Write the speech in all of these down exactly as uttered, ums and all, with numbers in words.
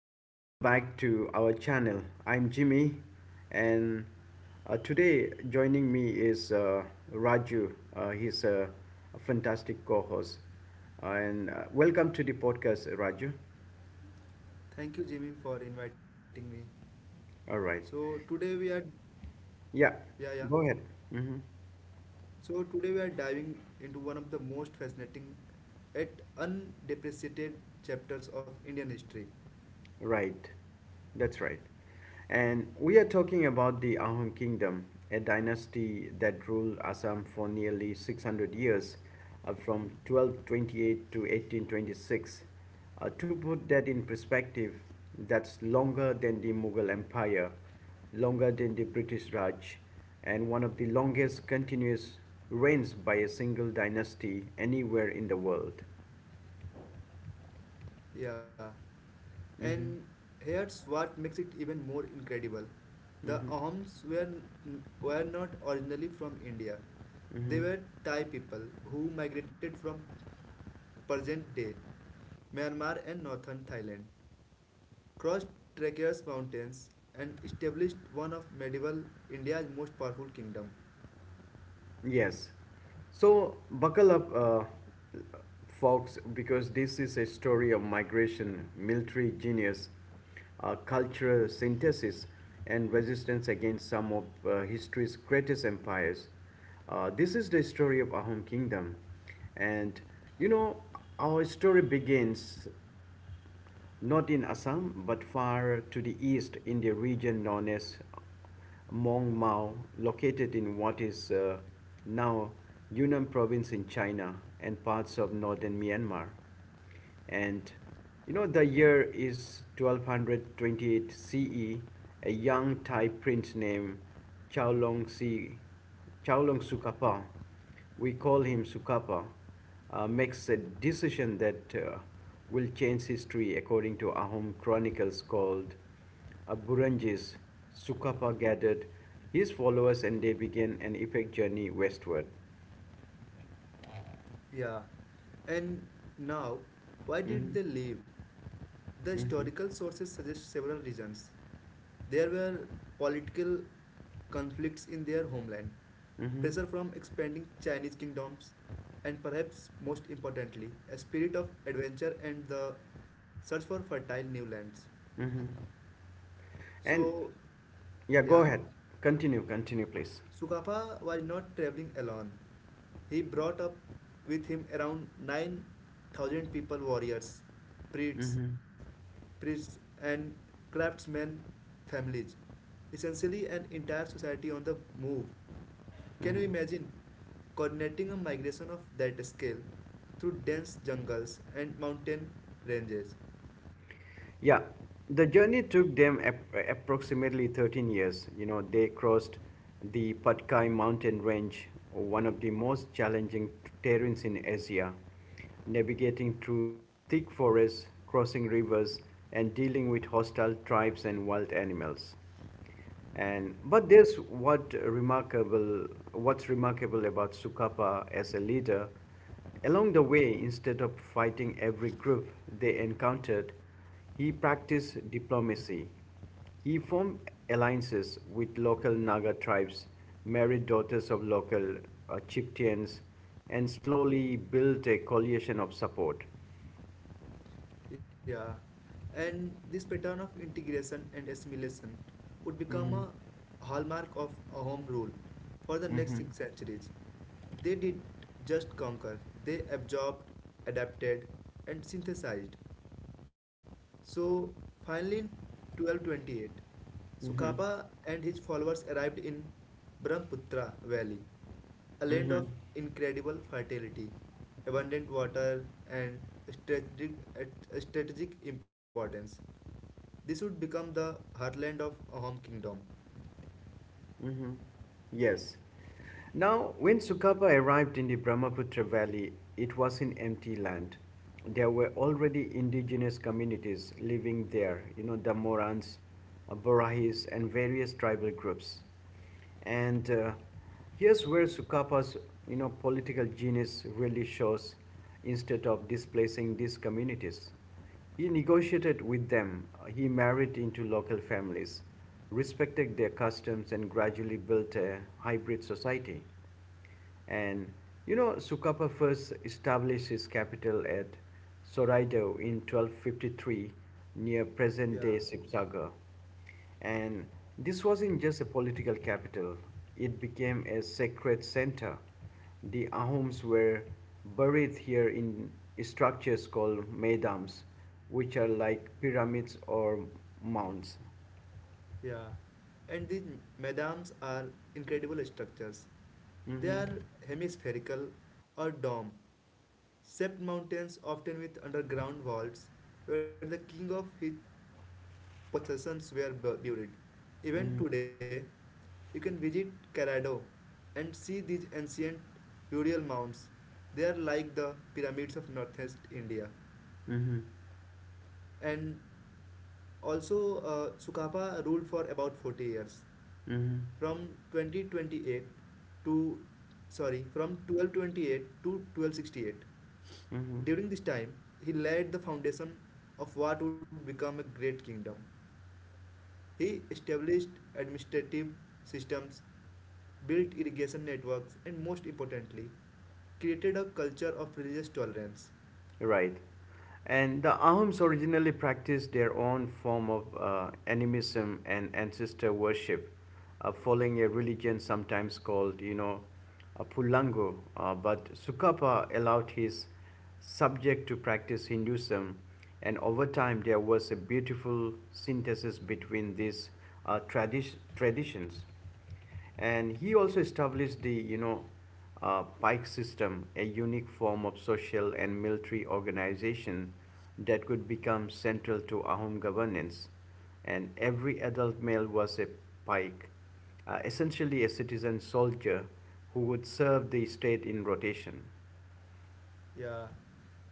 and welcome back to our channel. I'm Jimmy and uh, today joining me is uh, Raju. Uh, he's a, a fantastic co-host. Uh, and uh, Welcome to the podcast, Raju. Thank you, Jimmy, for inviting me. All right. So today we are, Yeah, yeah, yeah. go ahead. Mm-hmm. So today we are diving into one of the most fascinating, yet undepreciated chapters of Indian history. Right, that's right. And we are talking about the Ahom Kingdom, a dynasty that ruled Assam for nearly six hundred years, uh, from twelve twenty-eight to eighteen twenty-six. Uh, to put that in perspective, that's longer than the Mughal Empire, longer than the British Raj, and one of the longest continuous reigns by a single dynasty anywhere in the world. Yeah, and Mm-hmm, here's what makes it even more incredible: the mm-hmm, Ahoms were n- were not originally from India. They mm-hmm. were Thai people who migrated from present-day Myanmar and northern Thailand, crossed treacherous mountains, and established one of medieval India's most powerful kingdom. Yes. So buckle up, uh, folks, because this is a story of migration, military genius, uh, cultural synthesis, and resistance against some of uh, history's greatest empires. Uh, this is the story of Ahom Kingdom. And you know, our story begins not in Assam but far to the east in the region known as Mong Mao, located in what is uh, now Yunnan province in China and parts of northern Myanmar. And you know, the year is one thousand two hundred twenty-eight C E. A young Thai prince named Chao Long Si, Chao Long Sukapa, we call him Sukapa, uh, makes a decision that uh, will change history according to Ahom chronicles called uh, Buranjis. Sukapa gathered his followers and they began an epic journey westward. Yeah, and now, why Hmm. did they leave? The Hmm. historical sources suggest several reasons. There were political conflicts in their homeland, Hmm. pressure from expanding Chinese kingdoms, and perhaps most importantly, a spirit of adventure and the search for fertile new lands. Hmm. So, And yeah, yeah, go ahead. Continue, continue, please. Sugapa was not traveling alone. He brought up with him around 9,000 people warriors, priests, Hmm. priests and craftsmen families. Essentially an entire society on the move. Can you Hmm. imagine coordinating a migration of that scale through dense jungles and mountain ranges? Yeah, the journey took them ap- approximately thirteen years. You know, they crossed the Patkai mountain range, one of the most challenging terrains in Asia, navigating through thick forests, crossing rivers, and dealing with hostile tribes and wild animals. And but there's what remarkable What's remarkable about Sukapa as a leader: along the way, instead of fighting every group they encountered, he practiced diplomacy. He formed alliances with local Naga tribes, married daughters of local uh, chieftains, and slowly built a coalition of support. Yeah, and this pattern of integration and assimilation would become a Mm-hmm. hallmark of a home rule for the next Mm-hmm. six centuries. They did just conquer, they absorbed, adapted, and synthesized. So, finally, in twelve twenty-eight, Mm-hmm. Sukapa and his followers arrived in Brahmaputra Valley, a land Mm-hmm. of incredible fertility, abundant water, and strategic, strategic importance. This would become the heartland of a home kingdom. Mm-hmm. Yes. Now, when Sukaba arrived in the Brahmaputra valley, it was an empty land. There were already indigenous communities living there, you know, the Morans, uh, Borahis, and various tribal groups. And uh, Here's where Sukapa's you know political genius really shows. Instead of displacing these communities, he negotiated with them. He married into local families, respected their customs, and gradually built a hybrid society. And you know, Sukapa first established his capital at Soraido in twelve fifty-three near present day Sipsagar. And this wasn't just a political capital, it became a sacred center. The Ahoms were buried here in structures called medams, which are like pyramids or mounds. Yeah. And these madams are incredible structures. They Mhm. are hemispherical or dome, shaped mountains, often with underground vaults where the king of his possessions were bu- buried. Mhm. Even today, you can visit Carado and see these ancient burial mounds. They are like the pyramids of northeast India. Mhm. And also, uh, Sukapa ruled for about forty years, Mhm. from twenty twenty-eight to, sorry, from twelve twenty-eight to twelve sixty-eight. Mhm. During this time he laid the foundation of what would become a great kingdom. He established administrative systems, built irrigation networks, and most importantly created a culture of religious tolerance. Right. And the Ahoms originally practiced their own form of uh, animism and ancestor worship, uh, following a religion sometimes called, you know, a Pulango. Uh, but Sukapa allowed his subject to practice Hinduism, and over time there was a beautiful synthesis between these uh, tradi- traditions, and he also established the you know uh, pike system, a unique form of social and military organization that could become central to ahom governance, and every adult male was a pike, uh, essentially a citizen soldier who would serve the state in rotation. Yeah,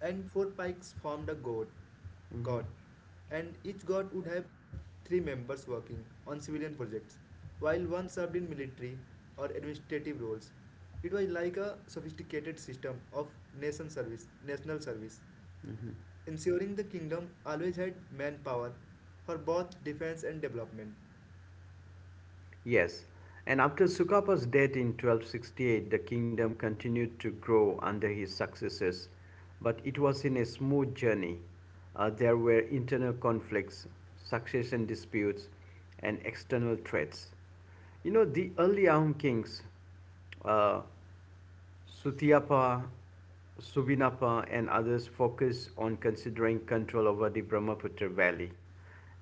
and four pikes formed a god Mhm. god and each god would have three members working on civilian projects, while one served in military or administrative roles. It was like a sophisticated system of nation service, national service, Mhm. ensuring the kingdom always had manpower for both defense and development. Yes, and after Sukapa's death in twelve sixty-eight, the kingdom continued to grow under his successors, but it was in a smooth journey. Uh, there were internal conflicts, succession disputes, and external threats. You know, the early Aum kings, uh, Sutiyapa, Subinapa, and others focused on considering control over the Brahmaputra Valley.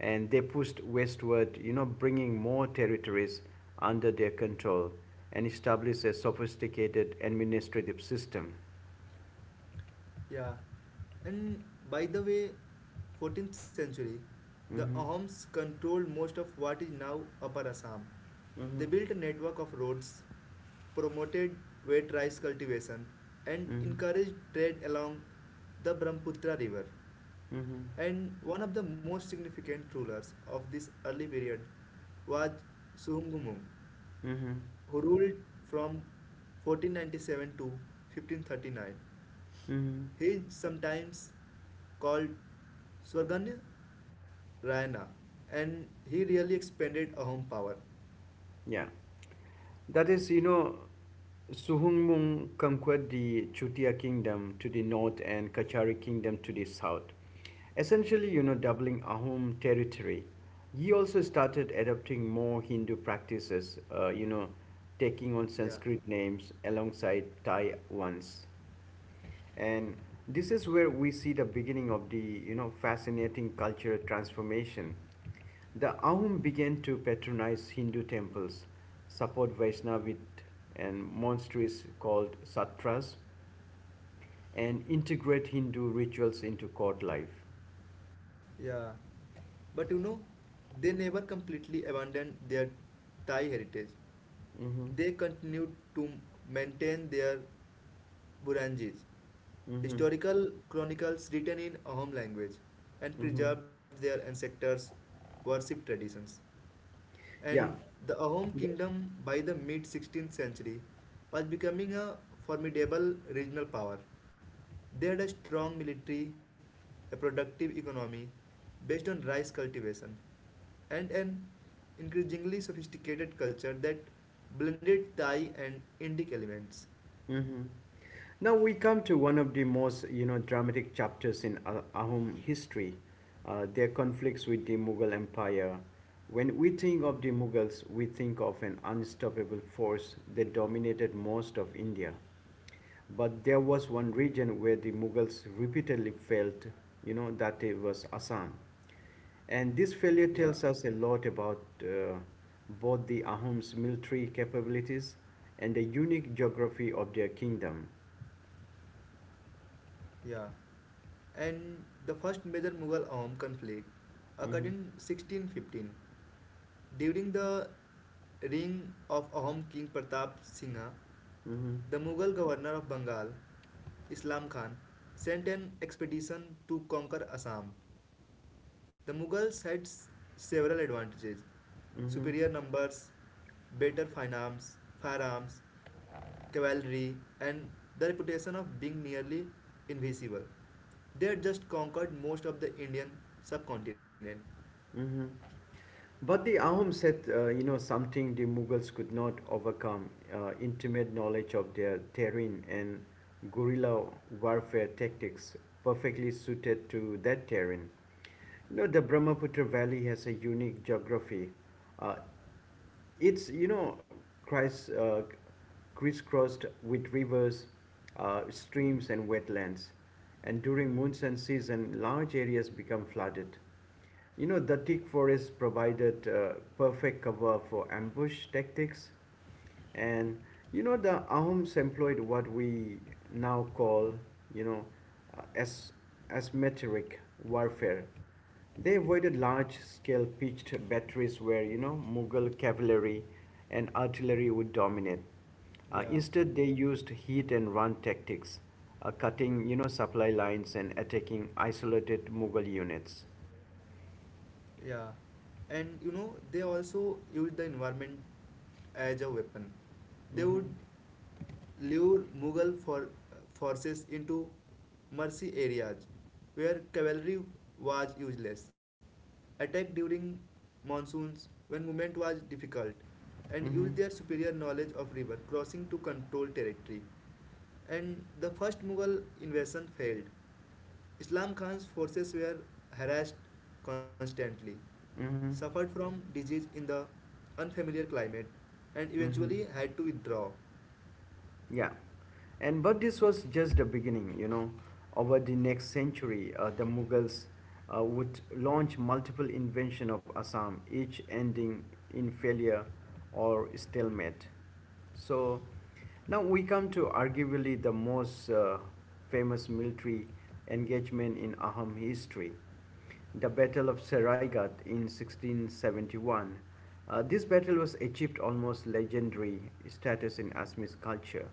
And they pushed westward, you know, bringing more territories under their control and established a sophisticated administrative system. Yeah, and by the way, fourteenth century, the Mm-hmm. Ahoms controlled most of what is now Upper Assam. Mm-hmm. They built a network of roads, promoted wet rice cultivation, and Mm-hmm. encouraged trade along the Brahmaputra River. Mm-hmm. And one of the most significant rulers of this early period was Suhumgumung, Mm-hmm. who ruled from fourteen ninety-seven to fifteen thirty-nine. Mm-hmm. He is sometimes called Swarganya Rayana, and he really expanded Ahom power. Yeah. That is, you know, Suhungmung conquered the Chutia kingdom to the north and Kachari kingdom to the south. Essentially, you know, doubling Ahom territory, he also started adopting more Hindu practices, uh, you know, taking on Yeah, Sanskrit names alongside Thai ones. And this is where we see the beginning of the, you know, fascinating cultural transformation. The Ahom began to patronize Hindu temples, support Vaishnavit and monasteries called satras, and integrate Hindu rituals into court life. yeah. But you know, they never completely abandoned their Thai heritage. Mm-hmm. They continued to maintain their Burunjis, Mm-hmm. historical chronicles written in Ahom language, and Hmm. preserved their ancestors' worship traditions. Yeah. And the Ahom kingdom by the mid sixteenth century was becoming a formidable regional power. They had a strong military, a productive economy based on rice cultivation, and an increasingly sophisticated culture that blended Thai and Indic elements. Hmm. Now we come to one of the most, you know, dramatic chapters in Ah- Ahom history, uh, their conflicts with the Mughal Empire. When we think of the Mughals, we think of an unstoppable force that dominated most of India. But there was one region where the Mughals repeatedly failed, you know, that it was Assam. And this failure Yeah, tells us a lot about uh, both the Ahom's military capabilities and the unique geography of their kingdom. yeah. And the first major Mughal Aum conflict occurred Mhm. in sixteen fifteen. During the reign of Ahom King Pratap Singha, Mhm. the Mughal governor of Bengal, Islam Khan, sent an expedition to conquer Assam. The Mughals had s- several advantages: Mhm. superior numbers, better finance, firearms, cavalry, and the reputation of being nearly invisible. They had just conquered most of the Indian subcontinent. Mhm. But the Ahoms had, uh, you know, something the Mughals could not overcome: uh, intimate knowledge of their terrain and guerrilla warfare tactics, perfectly suited to that terrain. You know, the Brahmaputra Valley has a unique geography. Uh, it's you know criss uh, crisscrossed with rivers, uh, streams, and wetlands. And during monsoon season, large areas become flooded. You know the thick forest provided uh, perfect cover for ambush tactics, and you know the Ahoms employed what we now call you know uh, as asymmetric warfare. They avoided large-scale pitched batteries where you know Mughal cavalry and artillery would dominate. Uh, Yeah, instead, they used hit and run tactics, uh, cutting you know supply lines and attacking isolated Mughal units. yeah, and you know, they also used the environment as a weapon. They would Mm-hmm. lure Mughal for, forces into mercy areas where cavalry was useless, attack during monsoons when movement was difficult, and Mm-hmm. use their superior knowledge of river crossing to control territory. And the first Mughal invasion failed. Islam Khan's forces were harassed constantly, Mm-hmm. suffered from disease in the unfamiliar climate, and Mm-hmm. eventually had to withdraw. Yeah. And but this was just the beginning, you know. Over the next century, uh, the Mughals uh, would launch multiple invention of Assam, each ending in failure or stalemate. So now we come to arguably the most uh, famous military engagement in Ahom history, the Battle of Seraigat in sixteen seventy-one. Uh, this battle was achieved almost legendary status in Assamese culture.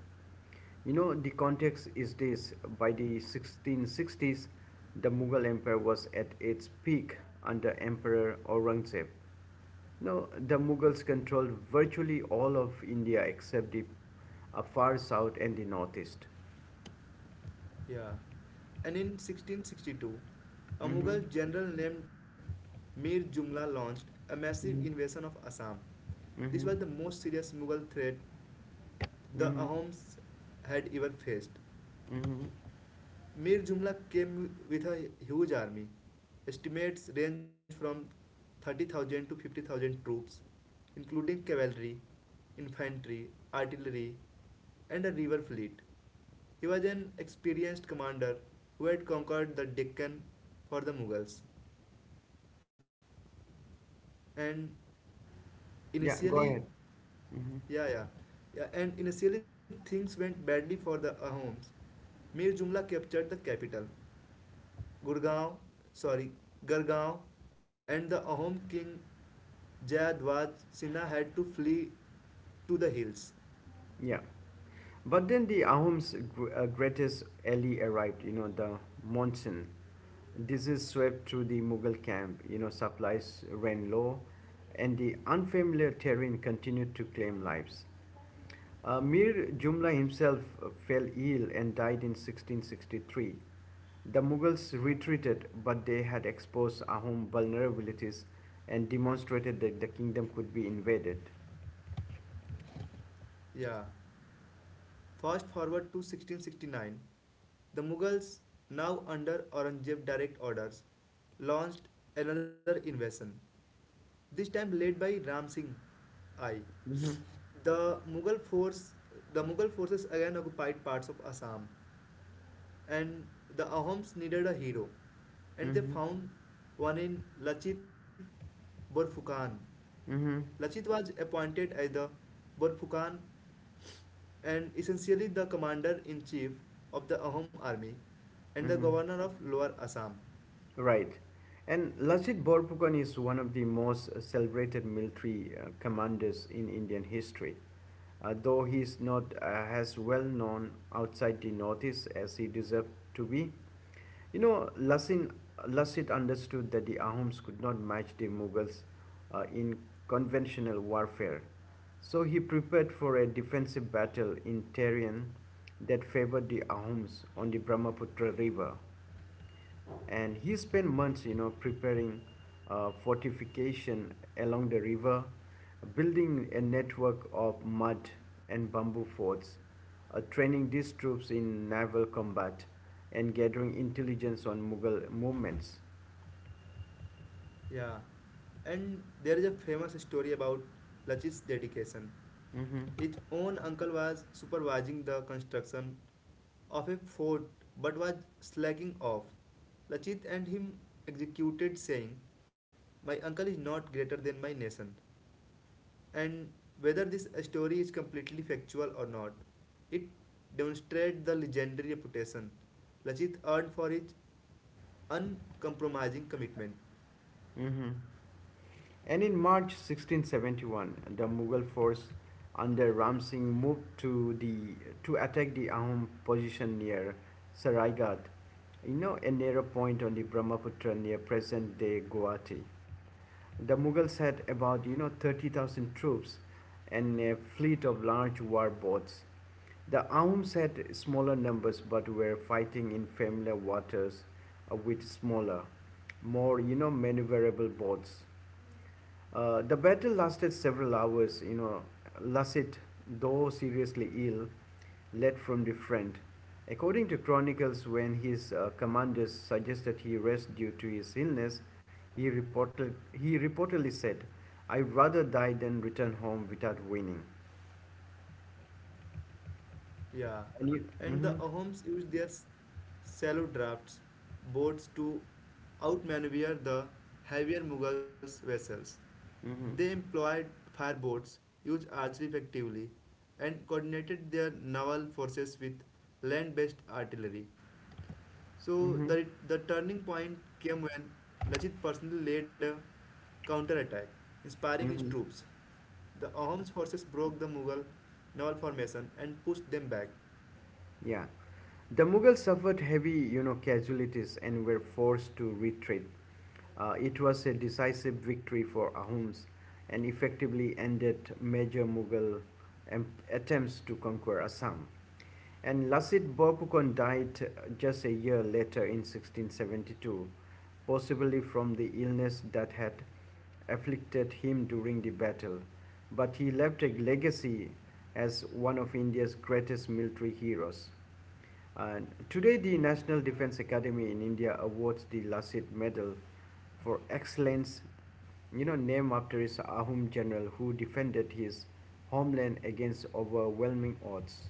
You know, the context is this: by the sixteen sixties, the Mughal Empire was at its peak under Emperor Aurangzeb. Now, the Mughals controlled virtually all of India except the uh, far south and the northeast. Yeah. And in sixteen sixty-two, a Mm-hmm. Mughal general named Mir Jumla launched a massive Mm-hmm. invasion of Assam. This was Mm-hmm. the most serious Mughal threat the Ahoms had ever faced. Mm-hmm. Mir Jumla came with a huge army. Estimates range from thirty thousand to fifty thousand troops, including cavalry, infantry, artillery, and a river fleet. He was an experienced commander who had conquered the Deccan for the Mughals. And Yeah, go initially, ahead. yeah, yeah, yeah, and initially things went badly for the Ahoms. Mir Jumla captured the capital, Gurgaon, sorry, Gargaon, and the Ahom king Jayadwaj Sinha had to flee to the hills. Yeah. But then the Ahom's gr- uh, greatest ally arrived, you know, the monsoon. Disease swept through the Mughal camp, you know, supplies ran low, and the unfamiliar terrain continued to claim lives. Uh, Mir Jumla himself uh, fell ill and died in sixteen sixty-three. The Mughals retreated, but they had exposed Ahom vulnerabilities and demonstrated that the kingdom could be invaded. Yeah. Fast forward to sixteen sixty-nine. The Mughals, now under Aurangzeb direct orders, launched another invasion, this time led by Ram Singh I. Hmm. The Mughal force, the Mughal forces again occupied parts of Assam, and the Ahoms needed a hero, and they Hmm. found one in Lachit Borfukan. Hmm. Lachit was appointed as the Borfukan and essentially the commander in chief of the Ahom army and the Hmm. governor of Lower Assam. Right. And Lajit Borphukan is one of the most celebrated military uh, commanders in Indian history, uh, though he is not uh, as well known outside the Northeast as he deserved to be. You know, Lasin, Lasit understood that the Ahoms could not match the Mughals uh, in conventional warfare, so he prepared for a defensive battle in terrain that favored the Ahoms on the Brahmaputra River, and he spent months you know preparing uh, fortification along the river, building a network of mud and bamboo forts, uh, training these troops in naval combat, and gathering intelligence on Mughal movements. Yeah, and there is a famous story about Lachit's dedication. Mm-hmm. His own uncle was supervising the construction of a fort but was slacking off. Lachit and him executed, saying, "My uncle is not greater than my nation." And whether this story is completely factual or not, it demonstrates the legendary reputation Lachit earned for his uncompromising commitment. Mm-hmm. And in March sixteen seventy-one, the Mughal force under Ram Singh moved to the to attack the Ahom position near Saraigat, you know, a narrow point on the Brahmaputra near present-day Guwahati. The Mughals had about you know thirty thousand troops and a fleet of large war boats. The Aums had smaller numbers but were fighting in familiar waters, uh, with smaller, more you know maneuverable boats. Uh, the battle lasted several hours. You know, Lasset, though seriously ill, led from the front. According to chronicles, when his uh, commanders suggested he rest due to his illness, he, reported, he reportedly said, I would rather die than return home without winning. Yeah. And you, And the Hmm. Ahoms used their s- shallow drafts boats to outmaneuver the heavier Mughals vessels. They Hmm. employed fireboats, used archery effectively, and coordinated their naval forces with land based artillery. So, Hmm. the, the turning point came when Lachit personally led a counterattack, inspiring his Hmm. troops. The Ahom's forces broke the Mughal naval formation and pushed them back. Yeah. The Mughals suffered heavy, you know, casualties and were forced to retreat. Uh, it was a decisive victory for Ahums and effectively ended major Mughal attempts to conquer Assam. And Lasit Borpukon died just a year later in sixteen seventy-two, possibly from the illness that had afflicted him during the battle. But he left a legacy as one of India's greatest military heroes. And today, the National Defense Academy in India awards the Lasit Medal for excellence, you know, named after his Ahom general who defended his homeland against overwhelming odds.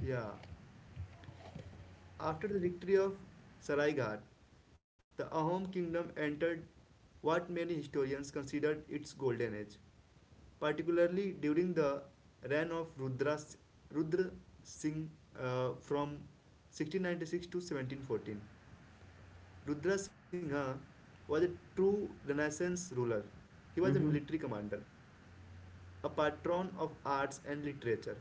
Yeah. After the victory of Saraigat, the Ahom kingdom entered what many historians considered its golden age, particularly during the reign of Rudra, Rudra Singh, uh, from sixteen ninety-six to seventeen fourteen. Rudra Singha was a true Renaissance ruler. He was a Mm-hmm. military commander, a patron of arts and literature,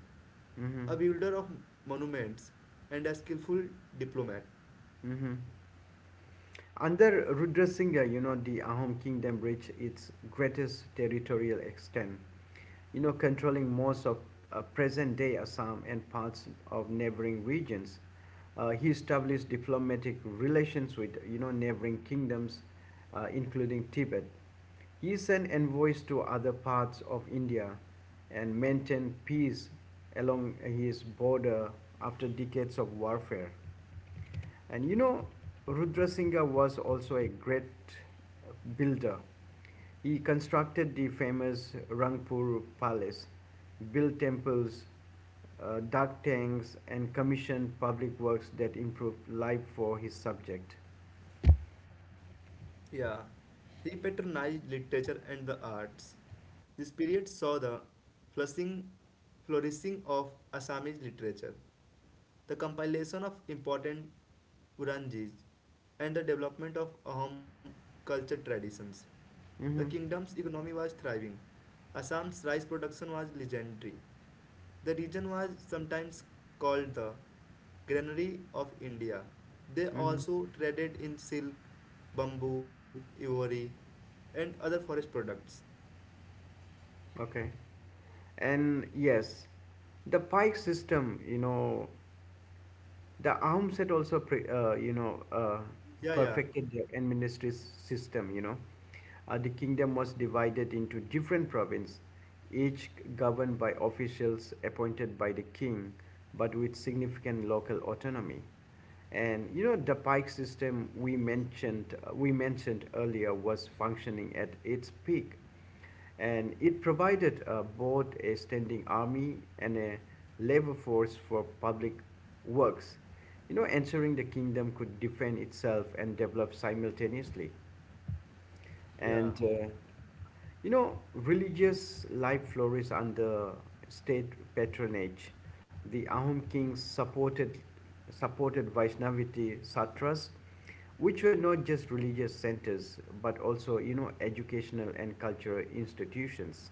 Mm-hmm. a builder of monuments, and a skillful diplomat. Mm-hmm. Under Rudra Singha, you know, the Ahom kingdom reached its greatest territorial extent, you know, controlling most of uh, present-day Assam and parts of neighboring regions. Uh, he established diplomatic relations with, you know, neighboring kingdoms, uh, including Tibet. He sent envoys to other parts of India and maintained peace along his border after decades of warfare. And you know, Rudra Singha was also a great builder. He constructed the famous Rangpur Palace, built temples, uh, dug tanks, and commissioned public works that improved life for his subject. Yeah, he patronized literature and the arts. This period saw the flourishing, flourishing of Assamese literature, the compilation of important Uranjis, and the development of Ahom culture traditions. The Mm-hmm. kingdom's economy was thriving. Assam's rice production was legendary. The region was sometimes called the granary of India. They Mm-hmm. also traded in silk, bamboo, ivory, and other forest products. Okay. And yes, the pike system, you know, the arm set also, pre- uh, you know, uh, Yeah, yeah, perfected the administrative system, you know. Uh, the kingdom was divided into different provinces, each governed by officials appointed by the king, but with significant local autonomy. And you know, the Pike system we mentioned uh, we mentioned earlier was functioning at its peak, and it provided uh, both a standing army and a labor force for public works. You know, ensuring the kingdom could defend itself and develop simultaneously. yeah, And uh, you know religious life flourished under state patronage. The Ahom kings supported supported Vaishnavity satras, which were not just religious centers but also you know educational and cultural institutions.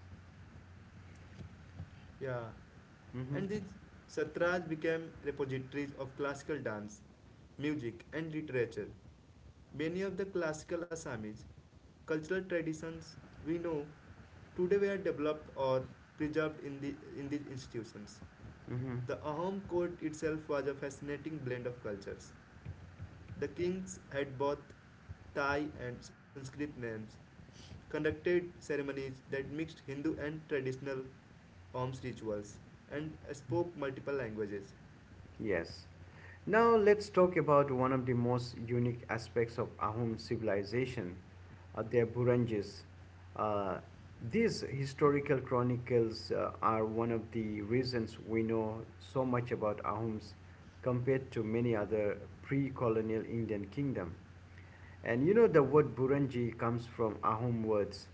yeah. Mm-hmm. And these satras became repositories of classical dance, music, and literature. Many of the classical Assamese cultural traditions we know today were developed or preserved in, the, in these institutions. Mm-hmm. The Ahom court itself was a fascinating blend of cultures. The kings had both Thai and Sanskrit names, conducted ceremonies that mixed Hindu and traditional Ahom's rituals, and spoke multiple languages. Yes. Now let's talk about one of the most unique aspects of Ahom civilization, uh, their Burunjis. Uh, these historical chronicles uh, are one of the reasons we know so much about Ahoms compared to many other pre-colonial Indian kingdom. And you know the word Buranji comes from Ahom words,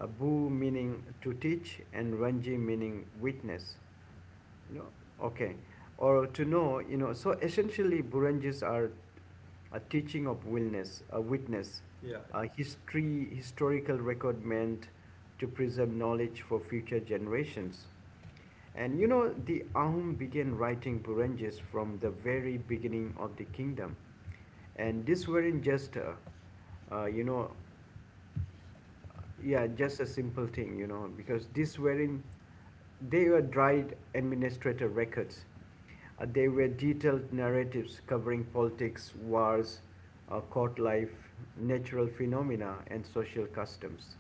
uh, bu meaning to teach and Ranji meaning witness, you know okay, or to know, you know so essentially Burunjis are a teaching of willness, a witness, a history historical record meant to preserve knowledge for future generations. And you know the Ahum began writing Burunjis from the very beginning of the kingdom, and these weren't just uh, uh, you know yeah just a simple thing, you know because these were in they were dried administrator records. Uh, they were detailed narratives covering politics, wars, uh, court life, natural phenomena, and social customs.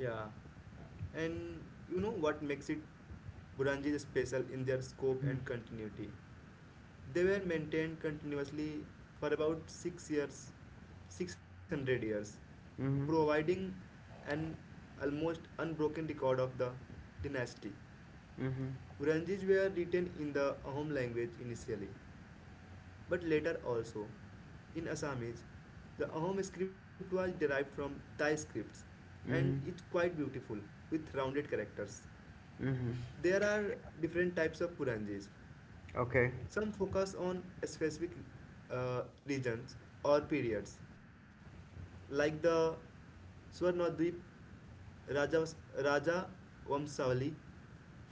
Yeah, and you know what makes it Burangi special in their scope Mm-hmm. and continuity? They were maintained continuously for about six years six hundred years, Mm-hmm. providing an almost unbroken record of the dynasty. Mm-hmm. Huranjis were written in the Ahom language initially, but later also in Assamese. The Ahom script was derived from Thai scripts and is Mm-hmm. quite beautiful with rounded characters. Mm-hmm. There are different types of Puranjis. Okay. Some focus on specific uh, regions or periods, like the Swarnadvip Raja, Raja Vamsavali,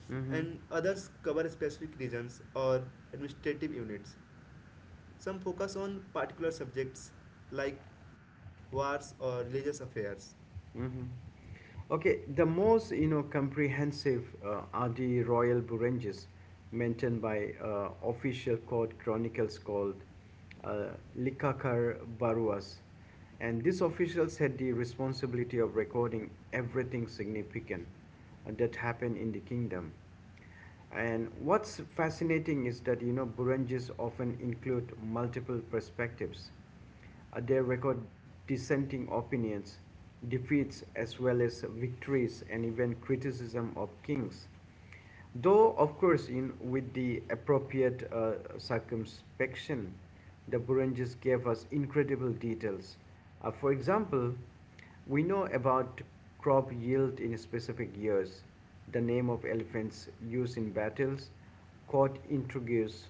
Mm-hmm. and others cover specific regions or administrative units. Some focus on particular subjects like wars or religious affairs. Hmm. Okay, the most you know comprehensive uh, are the royal Burunjes, maintained by uh, official court chronicles called uh, Likakar Baruas, and these officials had the responsibility of recording everything significant uh, that happened in the kingdom. And what's fascinating is that you know Burunjis often include multiple perspectives. Uh, they record dissenting opinions, defeats as well as victories, and even criticism of kings. Though, of course, in, with the appropriate uh, circumspection, the Burunjis gave us incredible details. Uh, for example, we know about crop yield in specific years, the name of elephants used in battles, court intrigues,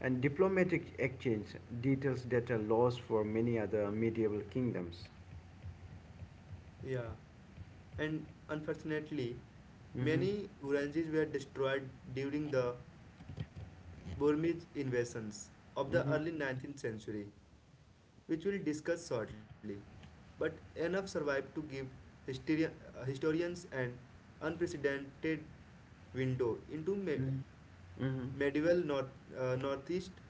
and diplomatic exchange details that are lost for many other medieval kingdoms. Yeah. And unfortunately, Mm-hmm. many Gurangis were destroyed during the Burmese invasions of the Mm-hmm. early nineteenth century, which we'll discuss shortly. But enough survived to give hysteria- uh, historians an unprecedented window into ma- Mm-hmm. medieval north, uh, Northeast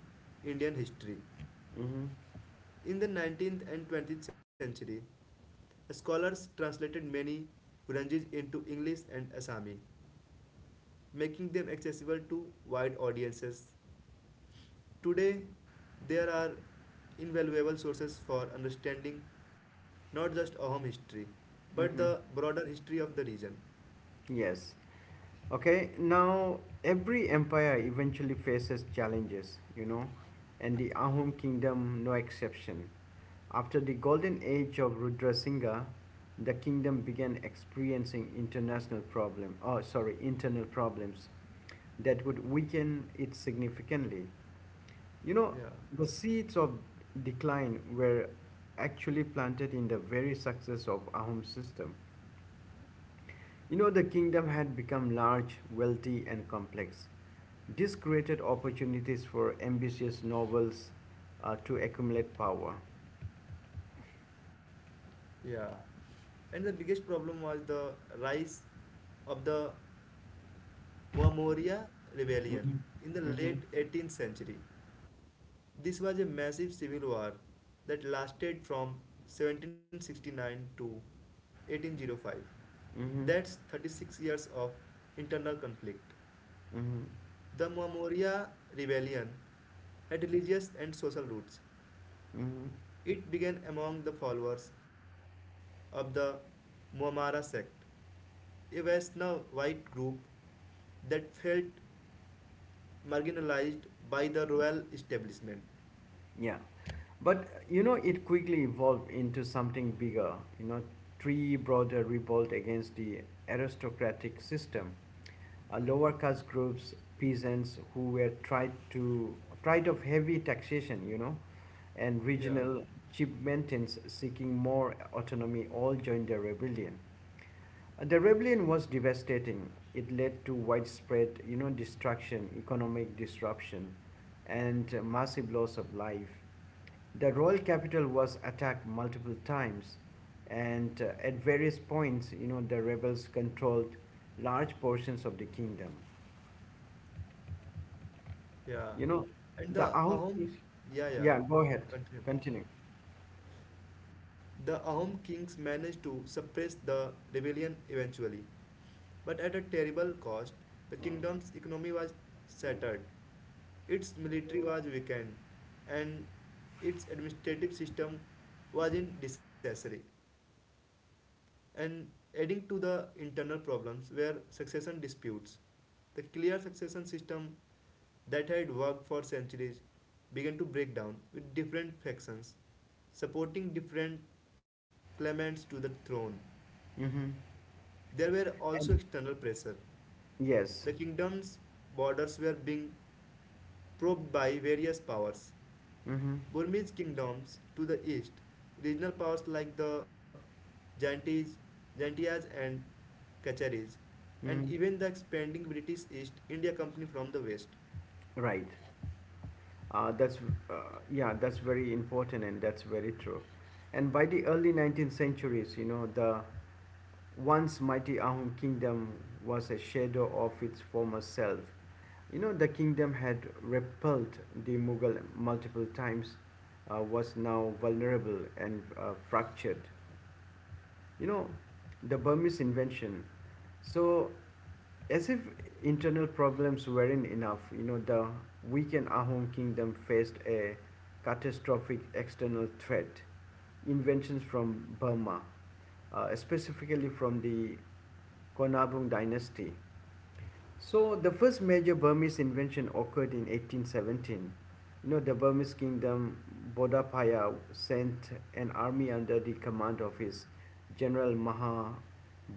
Indian history. Mm-hmm. In the nineteenth and twentieth century, scholars translated many Granjis into English and Assami, making them accessible to wide audiences. Today, there are invaluable sources for understanding not just Ahom history, but the Mm-hmm. broader history of the region. Yes. Okay, now every empire eventually faces challenges, you know, and the Ahom kingdom no exception. After the golden age of Rudrasingha, the kingdom began experiencing international problem, oh sorry, internal problems that would weaken it significantly. You know, Yeah, the seeds of decline were actually planted in the very success of Ahom system. You know, the kingdom had become large, wealthy, and complex. This created opportunities for ambitious nobles uh, to accumulate power. yeah. And the biggest problem was the rise of the Momoria Rebellion Mhm. in the Mhm. late eighteenth century. This was a massive civil war that lasted from seventeen sixty-nine to eighteen oh five. Mhm. That's thirty-six years of internal conflict. Mhm. The Momoria Rebellion had religious and social roots. Mhm. It began among the followers of the Muammara sect, a Vaishnava white group that felt marginalized by the royal establishment. Yeah. But you know, it quickly evolved into something bigger. You know, Tree brought a revolt against the aristocratic system. Uh, lower caste groups, peasants who were tried to tried of heavy taxation, you know, and Yeah. regional chieftains seeking more autonomy all joined the rebellion. The rebellion was devastating. It led to widespread, you know, destruction, economic disruption, and uh, massive loss of life. The royal capital was attacked multiple times, and uh, at various points, you know, the rebels controlled large portions of the kingdom. Yeah, You know, and the the Ahom, outreach. yeah, yeah, Yeah, go ahead. continue, Continue. Continue. The Ahom kings managed to suppress the rebellion eventually, but at a terrible cost. The kingdom's economy was shattered, its military was weakened, and its administrative system was in disaster. And adding to the internal problems were succession disputes. The clear succession system that had worked for centuries began to break down, with different factions supporting different claimants to the throne. Mm-hmm. There were also external pressure. Yes. The kingdom's borders were being probed by various powers: Mm-hmm. Burmese kingdoms to the east, regional powers like the Jantis, Jantias and Kacharis, and Mm-hmm. even the expanding British East India Company from the west. Right. Uh, that's uh, yeah, that's very important and that's very true. And by the early nineteenth centuries, you know, the once mighty Ahom kingdom was a shadow of its former self. You know, the kingdom had repelled the Mughal multiple times, uh, was now vulnerable and uh, fractured. You know, the Burmese invention. So as if internal problems weren't enough, you know, the weakened Ahom kingdom faced a catastrophic external threat. Inventions from Burma, uh, specifically from the Konabung dynasty. So the first major Burmese invention occurred in eighteen seventeen. You know, the Burmese kingdom Bodapaya sent an army under the command of his general Maha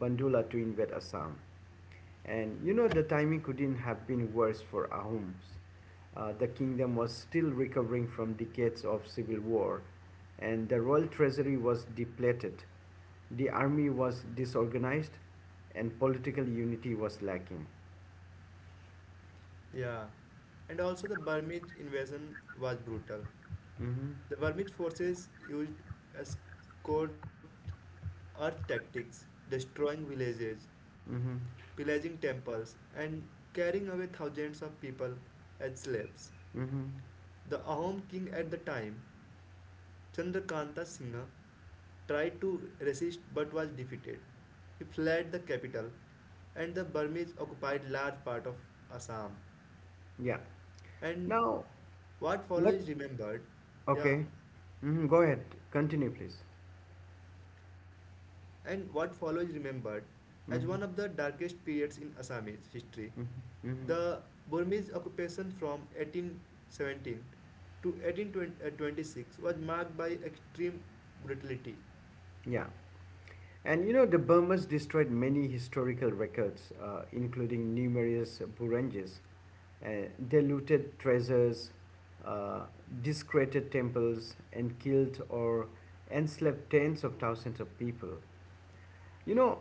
Bandula to invade Assam. And you know, the timing couldn't have been worse for Ahom's. Uh, the kingdom was still recovering from decades of civil war, and the royal treasury was depleted. The army was disorganized, and political unity was lacking. Yeah, and also the Burmese invasion was brutal. Mm-hmm. The Burmese forces used escort earth tactics, destroying villages, Mm-hmm. pillaging temples, and carrying away thousands of people as slaves. Mm-hmm. The Ahom king at the time, Chandrakanta Singha, tried to resist but was defeated. He fled the capital, and the Burmese occupied large part of Assam. Yeah. And Now, what what? follows is remembered, yeah, Okay. Mm-hmm. Go ahead. Continue, please. and what follows is remembered as Mm-hmm. one of the darkest periods in Assamese history. Mm-hmm. Mm-hmm. The Burmese occupation from eighteen seventeen to eighteen twenty-six was marked by extreme brutality. Yeah. And you know, the Burmans destroyed many historical records, uh, including numerous Buranges. Uh, they looted treasures, uh, desecrated temples, and killed or enslaved tens of thousands of people. You know,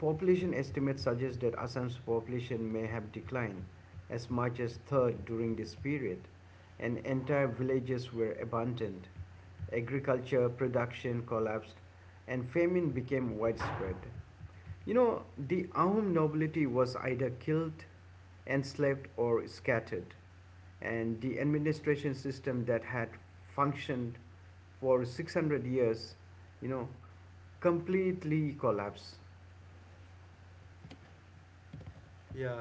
population estimates suggest that Assam's population may have declined as much as third during this period, and entire villages were abandoned. Agriculture production collapsed, and famine became widespread. You know, the Ahom nobility was either killed, enslaved, or scattered, and the administration system that had functioned for six hundred years, you know, completely collapsed. Yeah,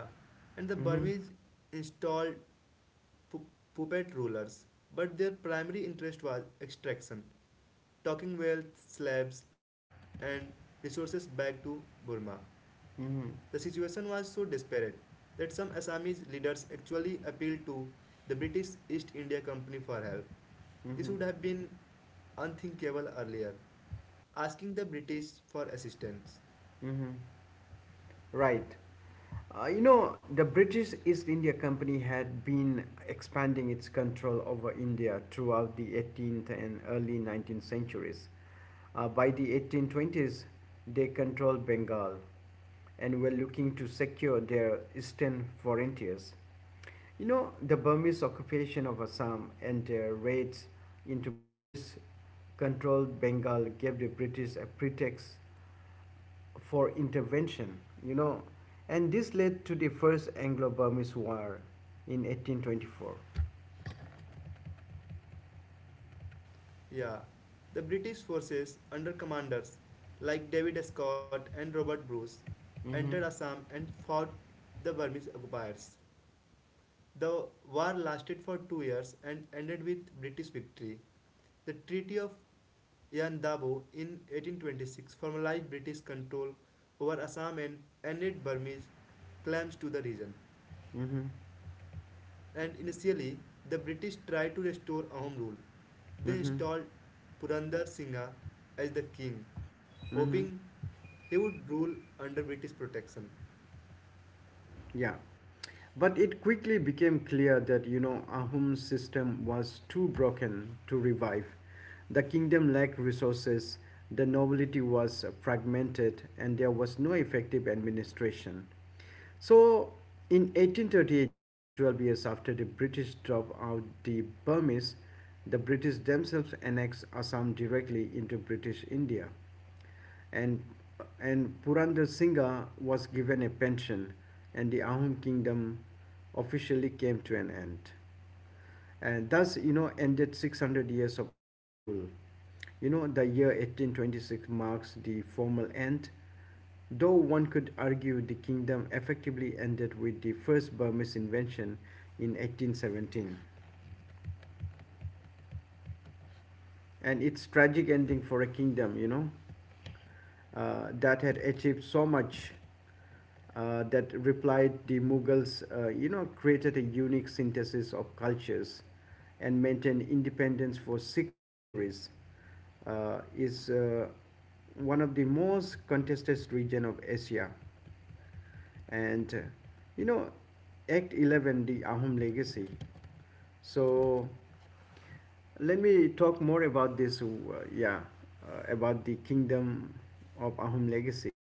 and the Mm-hmm. Burmese installed pu- puppet rulers, but their primary interest was extraction, taking wealth, slaves, and resources back to Burma. The Mm-hmm. situation was so desperate that some Assamese leaders actually appealed to the British East India Company for help. This Mm-hmm. would have been unthinkable earlier, asking the British for assistance. Mm-hmm. Right. Uh, you know, the British East India Company had been expanding its control over India throughout the eighteenth and early nineteenth centuries. Uh, by the eighteen twenties, they controlled Bengal and were looking to secure their eastern frontiers. You know, the Burmese occupation of Assam and their raids into British controlled Bengal gave the British a pretext for intervention, you know, and this led to the first Anglo Burmese War in eighteen twenty-four. Yeah, the British forces under commanders like David Scott and Robert Bruce entered Hmm. Assam and fought the Burmese occupiers. The war lasted for two years and ended with British victory. The Treaty of Yandabo in eighteen twenty-six formalized British control over Assam and ended Burmese claims to the region. Hmm. And initially, the British tried to restore Ahom rule. They Hmm. installed Purandar Singha as the king, Hmm. hoping he would rule under British protection. Yeah. But it quickly became clear that you know Ahum's system was too broken to revive. The kingdom lacked resources, the nobility was fragmented, and there was no effective administration. So, in eighteen thirty-eight, just twelve years after the British drop out the Burmese, the British themselves annexed Assam directly into British India, and and Purandar Singha was given a pension, and the Ahom kingdom officially came to an end. And thus, you know, ended six hundred years of Ahom rule. You know, the year eighteen twenty-six marks the formal end, though one could argue the kingdom effectively ended with the first Burmese invention in eighteen seventeen. And it's tragic ending for a kingdom, you know. uh, that had achieved so much, uh, that replied the Mughals, uh, you know, created a unique synthesis of cultures and maintained independence for six centuries, uh, is uh, one of the most contested region of Asia. And uh, you know Act eleven, the Ahom legacy. so Let me talk more about this, uh, yeah uh, about the kingdom of Ahom legacy.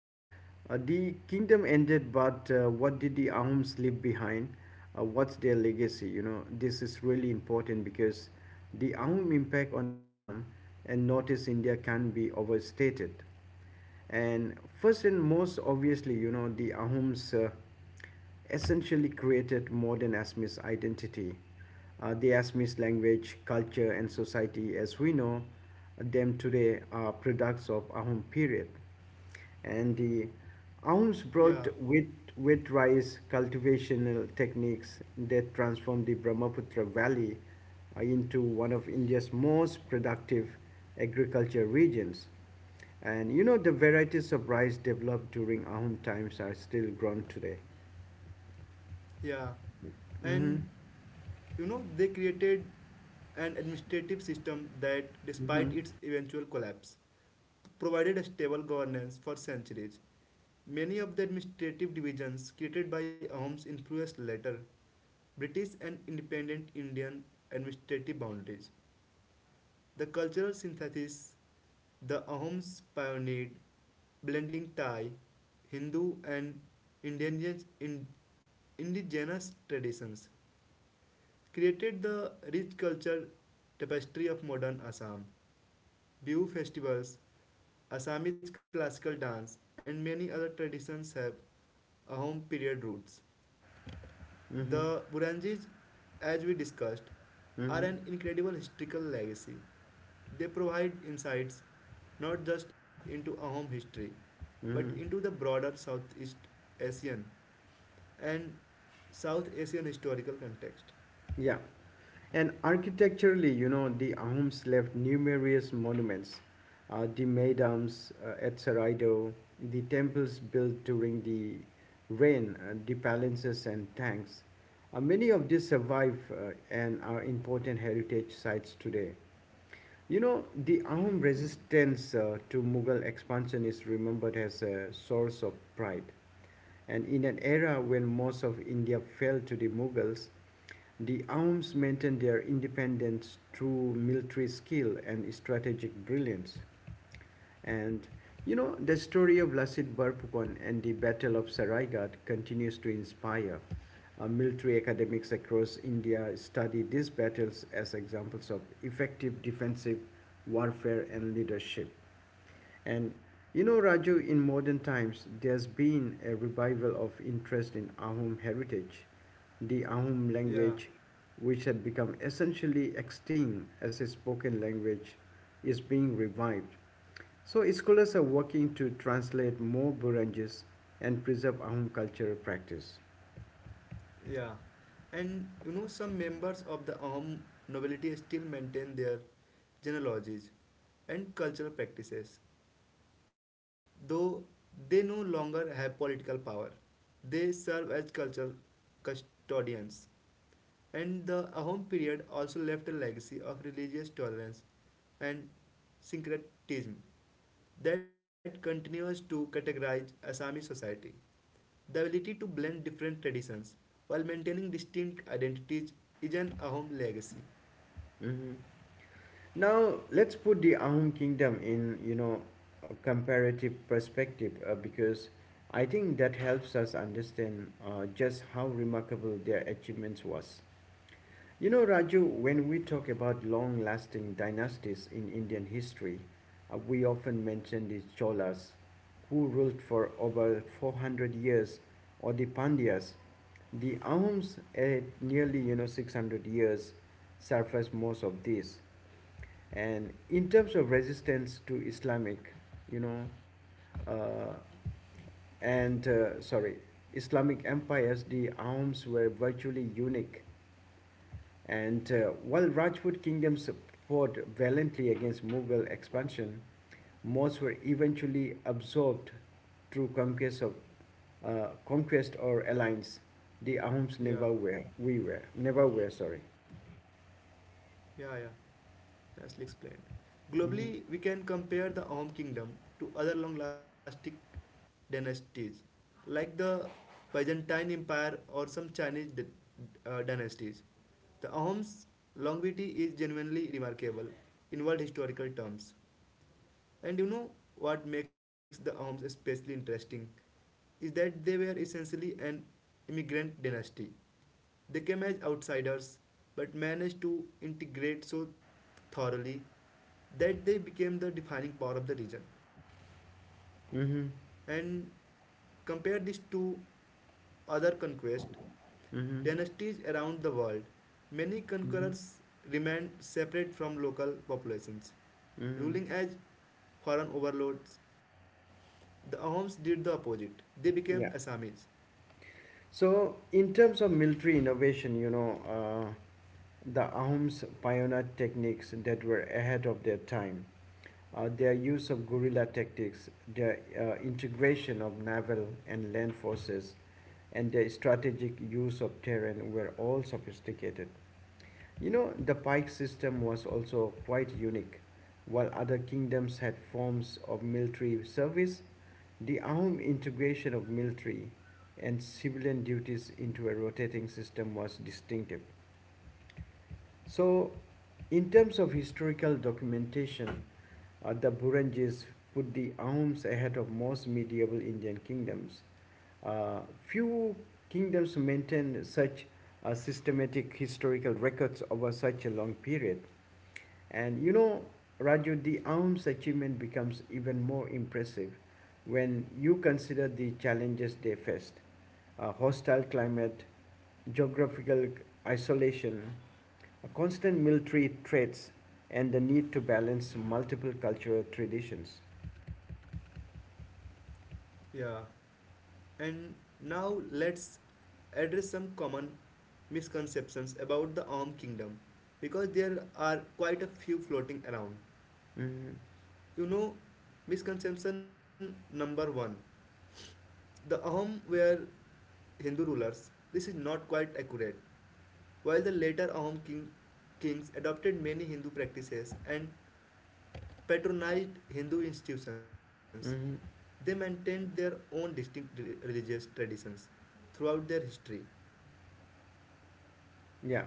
uh, The kingdom ended, but uh, what did the Ahoms leave behind? Uh, what's their legacy? you know this is really important because the Ahom impact on Assam and Northeast India can not be overstated. And first and most obviously, you know, the Ahoms uh, essentially created modern Assamese identity. Uh, the Assamese language, culture, and society as we know them today are products of Ahom period, and the Aums Yeah, brought wheat, wheat rice cultivational techniques that transformed the Brahmaputra Valley uh, into one of India's most productive agriculture regions. And you know, the varieties of rice developed during Ahom times are still grown today. yeah. Mm-hmm. And you know, they created an administrative system that, Mm-hmm. despite its eventual collapse, provided a stable governance for centuries. Many of the administrative divisions created by Ahom's influenced later British and independent Indian administrative boundaries. The cultural synthesis the Ahoms pioneered, blending Thai, Hindu, and indigenous, in, indigenous traditions, created the rich culture tapestry of modern Assam. Bihu festivals, Assamese classical dance, and many other traditions have Ahom period roots. Mm-hmm. The Burandjis, as we discussed, are Mm-hmm. an incredible historical legacy. They provide insights not just into Ahom history, but into Mm-hmm. the broader Southeast Asian and South Asian historical context. Yeah. And architecturally, you know, the Ahoms left numerous monuments, uh, the Maidams uh, at Saraido, the temples built during the reign, uh, the palaces and tanks. Uh, many of these survive uh, and are important heritage sites today. You know, the Ahom resistance uh, to Mughal expansion is remembered as a source of pride. And in an era when most of India fell to the Mughals, the Ahoms maintained their independence through military skill and strategic brilliance. And you know, the story of Lasit Barpukon and the Battle of Saraigat continues to inspire. Uh, military academics across India study these battles as examples of effective defensive warfare and leadership. And you know, Raju, in modern times, there's been a revival of interest in Ahom heritage. The Ahom Yeah, language, which had become essentially extinct as a spoken language, is being revived, so scholars are working to translate more Burunjis and preserve Ahom cultural practice. yeah. And you know, some members of the armed nobility still maintain their genealogies and cultural practices, though they no longer have political power. They serve as cultural custodians. And the Ahom period also left a legacy of religious tolerance and syncretism that continues to categorize Assamese society. The ability to blend different traditions while maintaining distinct identities is an Ahom legacy. Mhm. Now let's put the Ahom kingdom in you know a comparative perspective uh, because I think that helps us understand uh, just how remarkable their achievements was. You know, Raju, when we talk about long lasting dynasties in Indian history, uh, we often mention the Cholas, who ruled for over four hundred years, or the Pandyas. The Ahoms at nearly you know six hundred years surface most of this. And in terms of resistance to Islamic, you know, uh, and uh, sorry, Islamic empires, the Ahoms were virtually unique, and uh, while Rajput kingdoms fought valiantly against Mughal expansion, most were eventually absorbed through conquest of uh, conquest or alliance. The Ahoms never were. Yeah, We were never were. Sorry. yeah, yeah, nicely explained. Mm-hmm. Globally, we can compare the Ahom kingdom to other long lasting dynasties like the Byzantine Empire or some Chinese uh, dynasties. The Ahom's longevity is genuinely remarkable in world historical terms. And you know what makes the arms especially interesting is that they were essentially an immigrant dynasty. They came as outsiders but managed to integrate so thoroughly that they became the defining power of the region. Mm-hmm. And compare this to other conquest Mm-hmm. dynasties around the world. Many Mm-hmm. conquerors remained separate from local populations, Mm-hmm. ruling as foreign overlords. The Ahoms did the opposite. They became Yeah. Assamese. So in terms of military innovation, you know, uh, the Ahoms pioneered techniques that were ahead of their time. Uh, their use of guerrilla tactics, their uh, integration of naval and land forces, and their strategic use of terrain were all sophisticated. You know, the pike system was also quite unique. While other kingdoms had forms of military service, the armed integration of military and civilian duties into a rotating system was distinctive. So, in terms of historical documentation, uh, the Burunjis put the arms ahead of most medieval Indian kingdoms. Uh, few kingdoms maintain such uh, systematic historical records over such a long period. And you know, Raju, the arms achievement becomes even more impressive when you consider the challenges they faced, uh, hostile climate, geographical isolation, constant military threats, and the need to balance multiple cultural traditions. Yeah. And now let's address some common misconceptions about the Arm Kingdom because there are quite a few floating around. Mhm, You know, misconception number one, the Ahom were Hindu rulers. This is not quite accurate. While the later Ahom king, kings adopted many Hindu practices and patronized Hindu institutions, they mhm. maintained their own distinct religious traditions throughout their history. Yeah.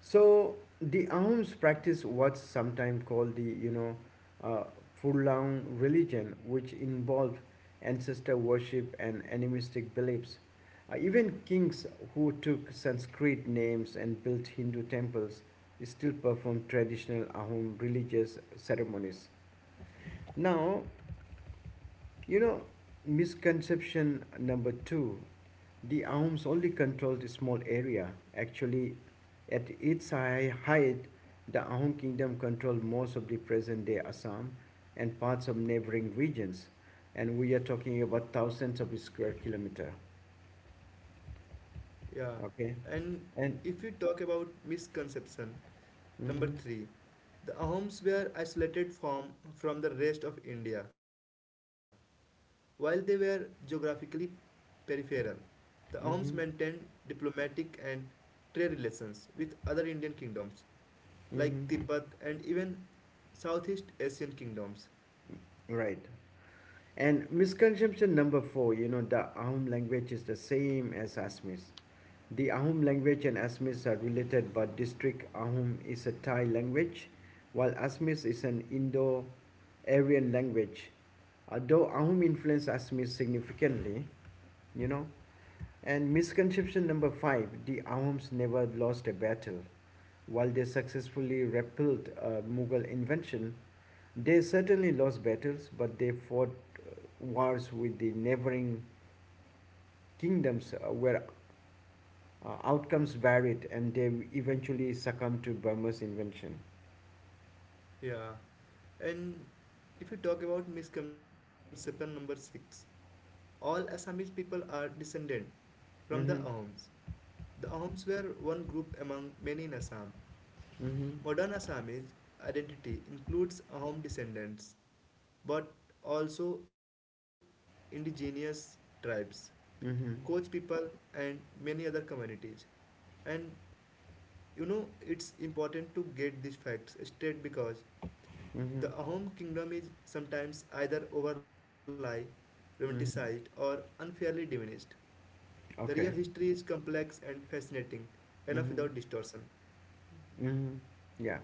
So the Ahoms practice what's sometimes called the you know uh, Furlong religion, which involved ancestor worship and animistic beliefs. Uh, even kings who took Sanskrit names and built Hindu temples still perform traditional Ahom religious ceremonies. Now, you know, misconception number two. The arms only controlled a small area. Actually, at its high height, the Ahom kingdom controlled most of the present day Assam and parts of neighboring regions. And we are talking about thousands of square kilometer. Yeah, Okay. and And if we talk about misconception number mhm, three, the Ahoms were isolated from from the rest of India. While they were geographically peripheral, the Ahoms maintained mhm, diplomatic and trade relations with other Indian kingdoms like mhm. Tibet and even Southeast Asian kingdoms. Right. And misconception number four, you know, the Ahom language is the same as Assamese. The Ahom language and Assamese are related, but District Ahom is a Thai language, while Assamese is an Indo Aryan language. Although Ahom influenced Assamese significantly, you know. And misconception number five, the Ahoms never lost a battle. While they successfully repelled a Mughal invention, they certainly lost battles, but they fought uh, wars with the neighboring kingdoms, uh, where Uh, outcomes varied, and they eventually succumbed to Burma's invention. Yeah, and if you talk about misconception number six, all Assamese people are descendant from the Mm-hmm. Ahoms. The Ahoms were one group among many in Assam. Mm-hmm. Modern Assamese identity includes Ahom descendants, but also indigenous tribes, Koch Mm-hmm. people, and many other communities. And you know, it's important to get these facts straight because the Mm-hmm. Ahom kingdom is sometimes either overlie, romanticized, Mm-hmm. or unfairly diminished. The real Okay. history is complex and fascinating enough without Mm-hmm. distortion. Mm-hmm. Yeah.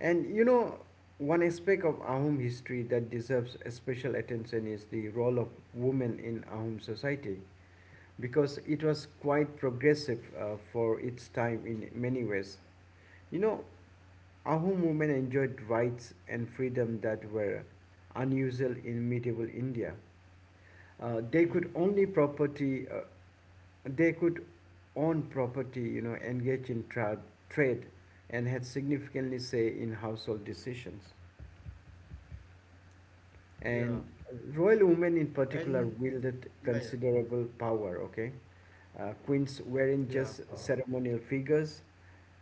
And you know, one aspect of Ahom history that deserves a special attention is the role of women in Ahom society, because it was quite progressive uh, for its time in many ways. You know, Ahom women enjoyed rights and freedom that were unusual in medieval India. Hmm. uh, they could only property uh, they could own property, you know engage in tra- trade, and had significantly say in household decisions, Yeah, and royal women in and particular Yeah, wielded considerable power. Okay. Uh, queens not yeah, just ceremonial figures,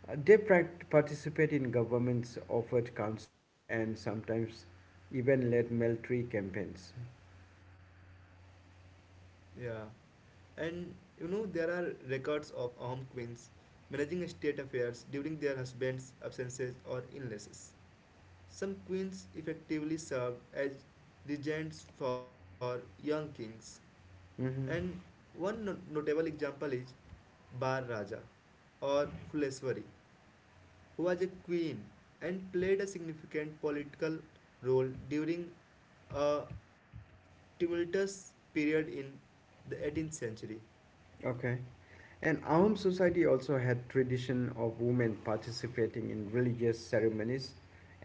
uh, they prac- participate in government's offered council and sometimes even led military campaigns. yeah, yeah. And you know, there are records of Ahom queens managing state affairs during their husbands' absences or illnesses. Some queens effectively served as regents for young kings, and Hmm. one no- notable example is Bar Raja or Fuleswari, who was a queen and played a significant political role during a tumultuous period in the eighteenth century. Okay. And Ahom society also had tradition of women participating in religious ceremonies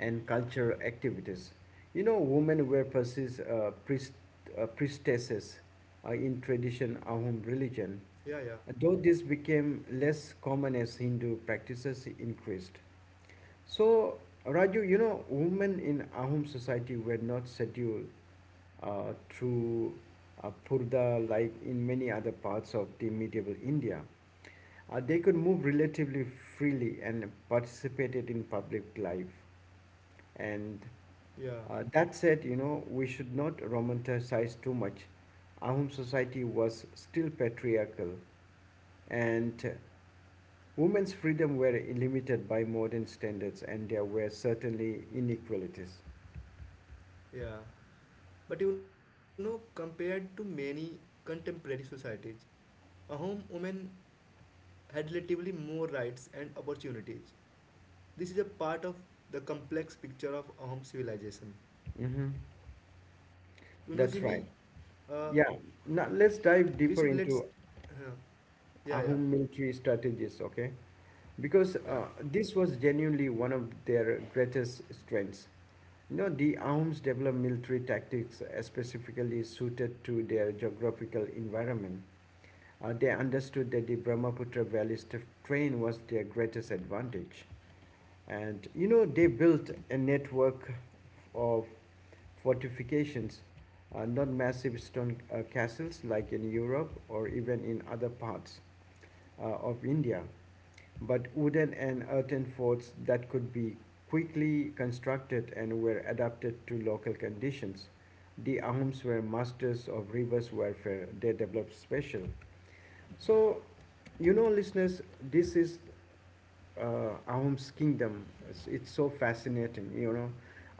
and cultural activities. You know, women were persis, uh, priest, uh, priestesses uh, in tradition Ahom religion, Yeah, yeah, though this became less common as Hindu practices increased. So, Raju, you know, women in Ahom society were not scheduled uh, through uh, purda like in many other parts of the medieval India. Uh, they could move relatively freely and participated in public life. And yeah, uh, that said, you know, we should not romanticize too much. Ahom society was still patriarchal, and uh, women's freedom were limited by modern standards, and there were certainly inequalities. yeah. But you know, compared to many contemporary societies, a home woman had relatively more rights and opportunities. This is a part of the complex picture of a home civilization. Mm-hmm. You know, Jimmy, That's right. uh, Yeah. Now let's we dive should deeper let's. into Yeah, yeah, Ahom military strategies, okay? Because yeah, uh, this was genuinely one of their greatest strengths. You know the Ahoms developed military tactics uh, specifically suited to their geographical environment. Uh, they understood that the Brahmaputra valley's terrain was their greatest advantage. And you know, they built a network of fortifications, uh, not massive stone uh, castles like in Europe or even in other parts uh, of India, but wooden and earthen forts that could be quickly constructed and were adapted to local conditions. The Ahoms were masters of reverse warfare, they developed special. So, you know, listeners, this is uh, Ahom's kingdom. It's, it's so fascinating, you know.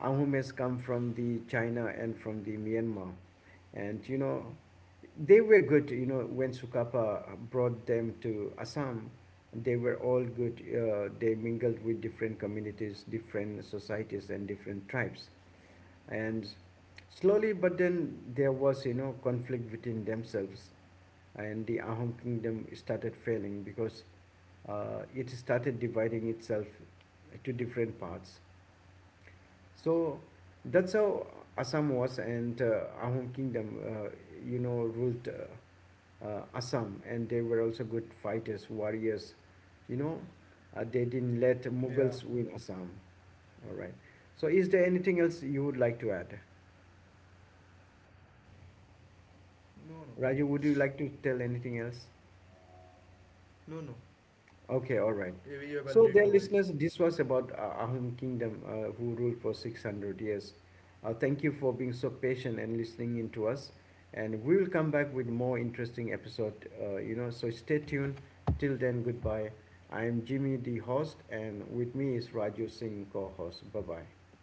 Ahom has come from the China and from the Myanmar, and you know, they were good. You know, when Sukapa brought them to Assam, they were all good. Uh, they mingled with different communities, different societies, and different tribes, and slowly, but then there was you know conflict within themselves, and the Ahom kingdom started failing because uh, it started dividing itself to different parts. So that's how Assam was, and uh, Ahom Kingdom, uh, you know, ruled uh, uh, Assam, and they were also good fighters, warriors. You know, uh, they didn't let yeah. Yeah. Mughals win Assam. All right. So, is there anything else you would like to add? No, no, Raju, would you like to tell anything else? no, no. Okay, all right. Yeah, we have So, already dear told. listeners, this was about uh, Ahom Kingdom, uh, who ruled for six hundred years. Uh, thank you for being so patient and listening in to us. And we will come back with more interesting episode. Uh, you know, so stay tuned. Till then, goodbye. I'm Jimmy, the host, and with me is Raju Singh, co-host. Bye bye.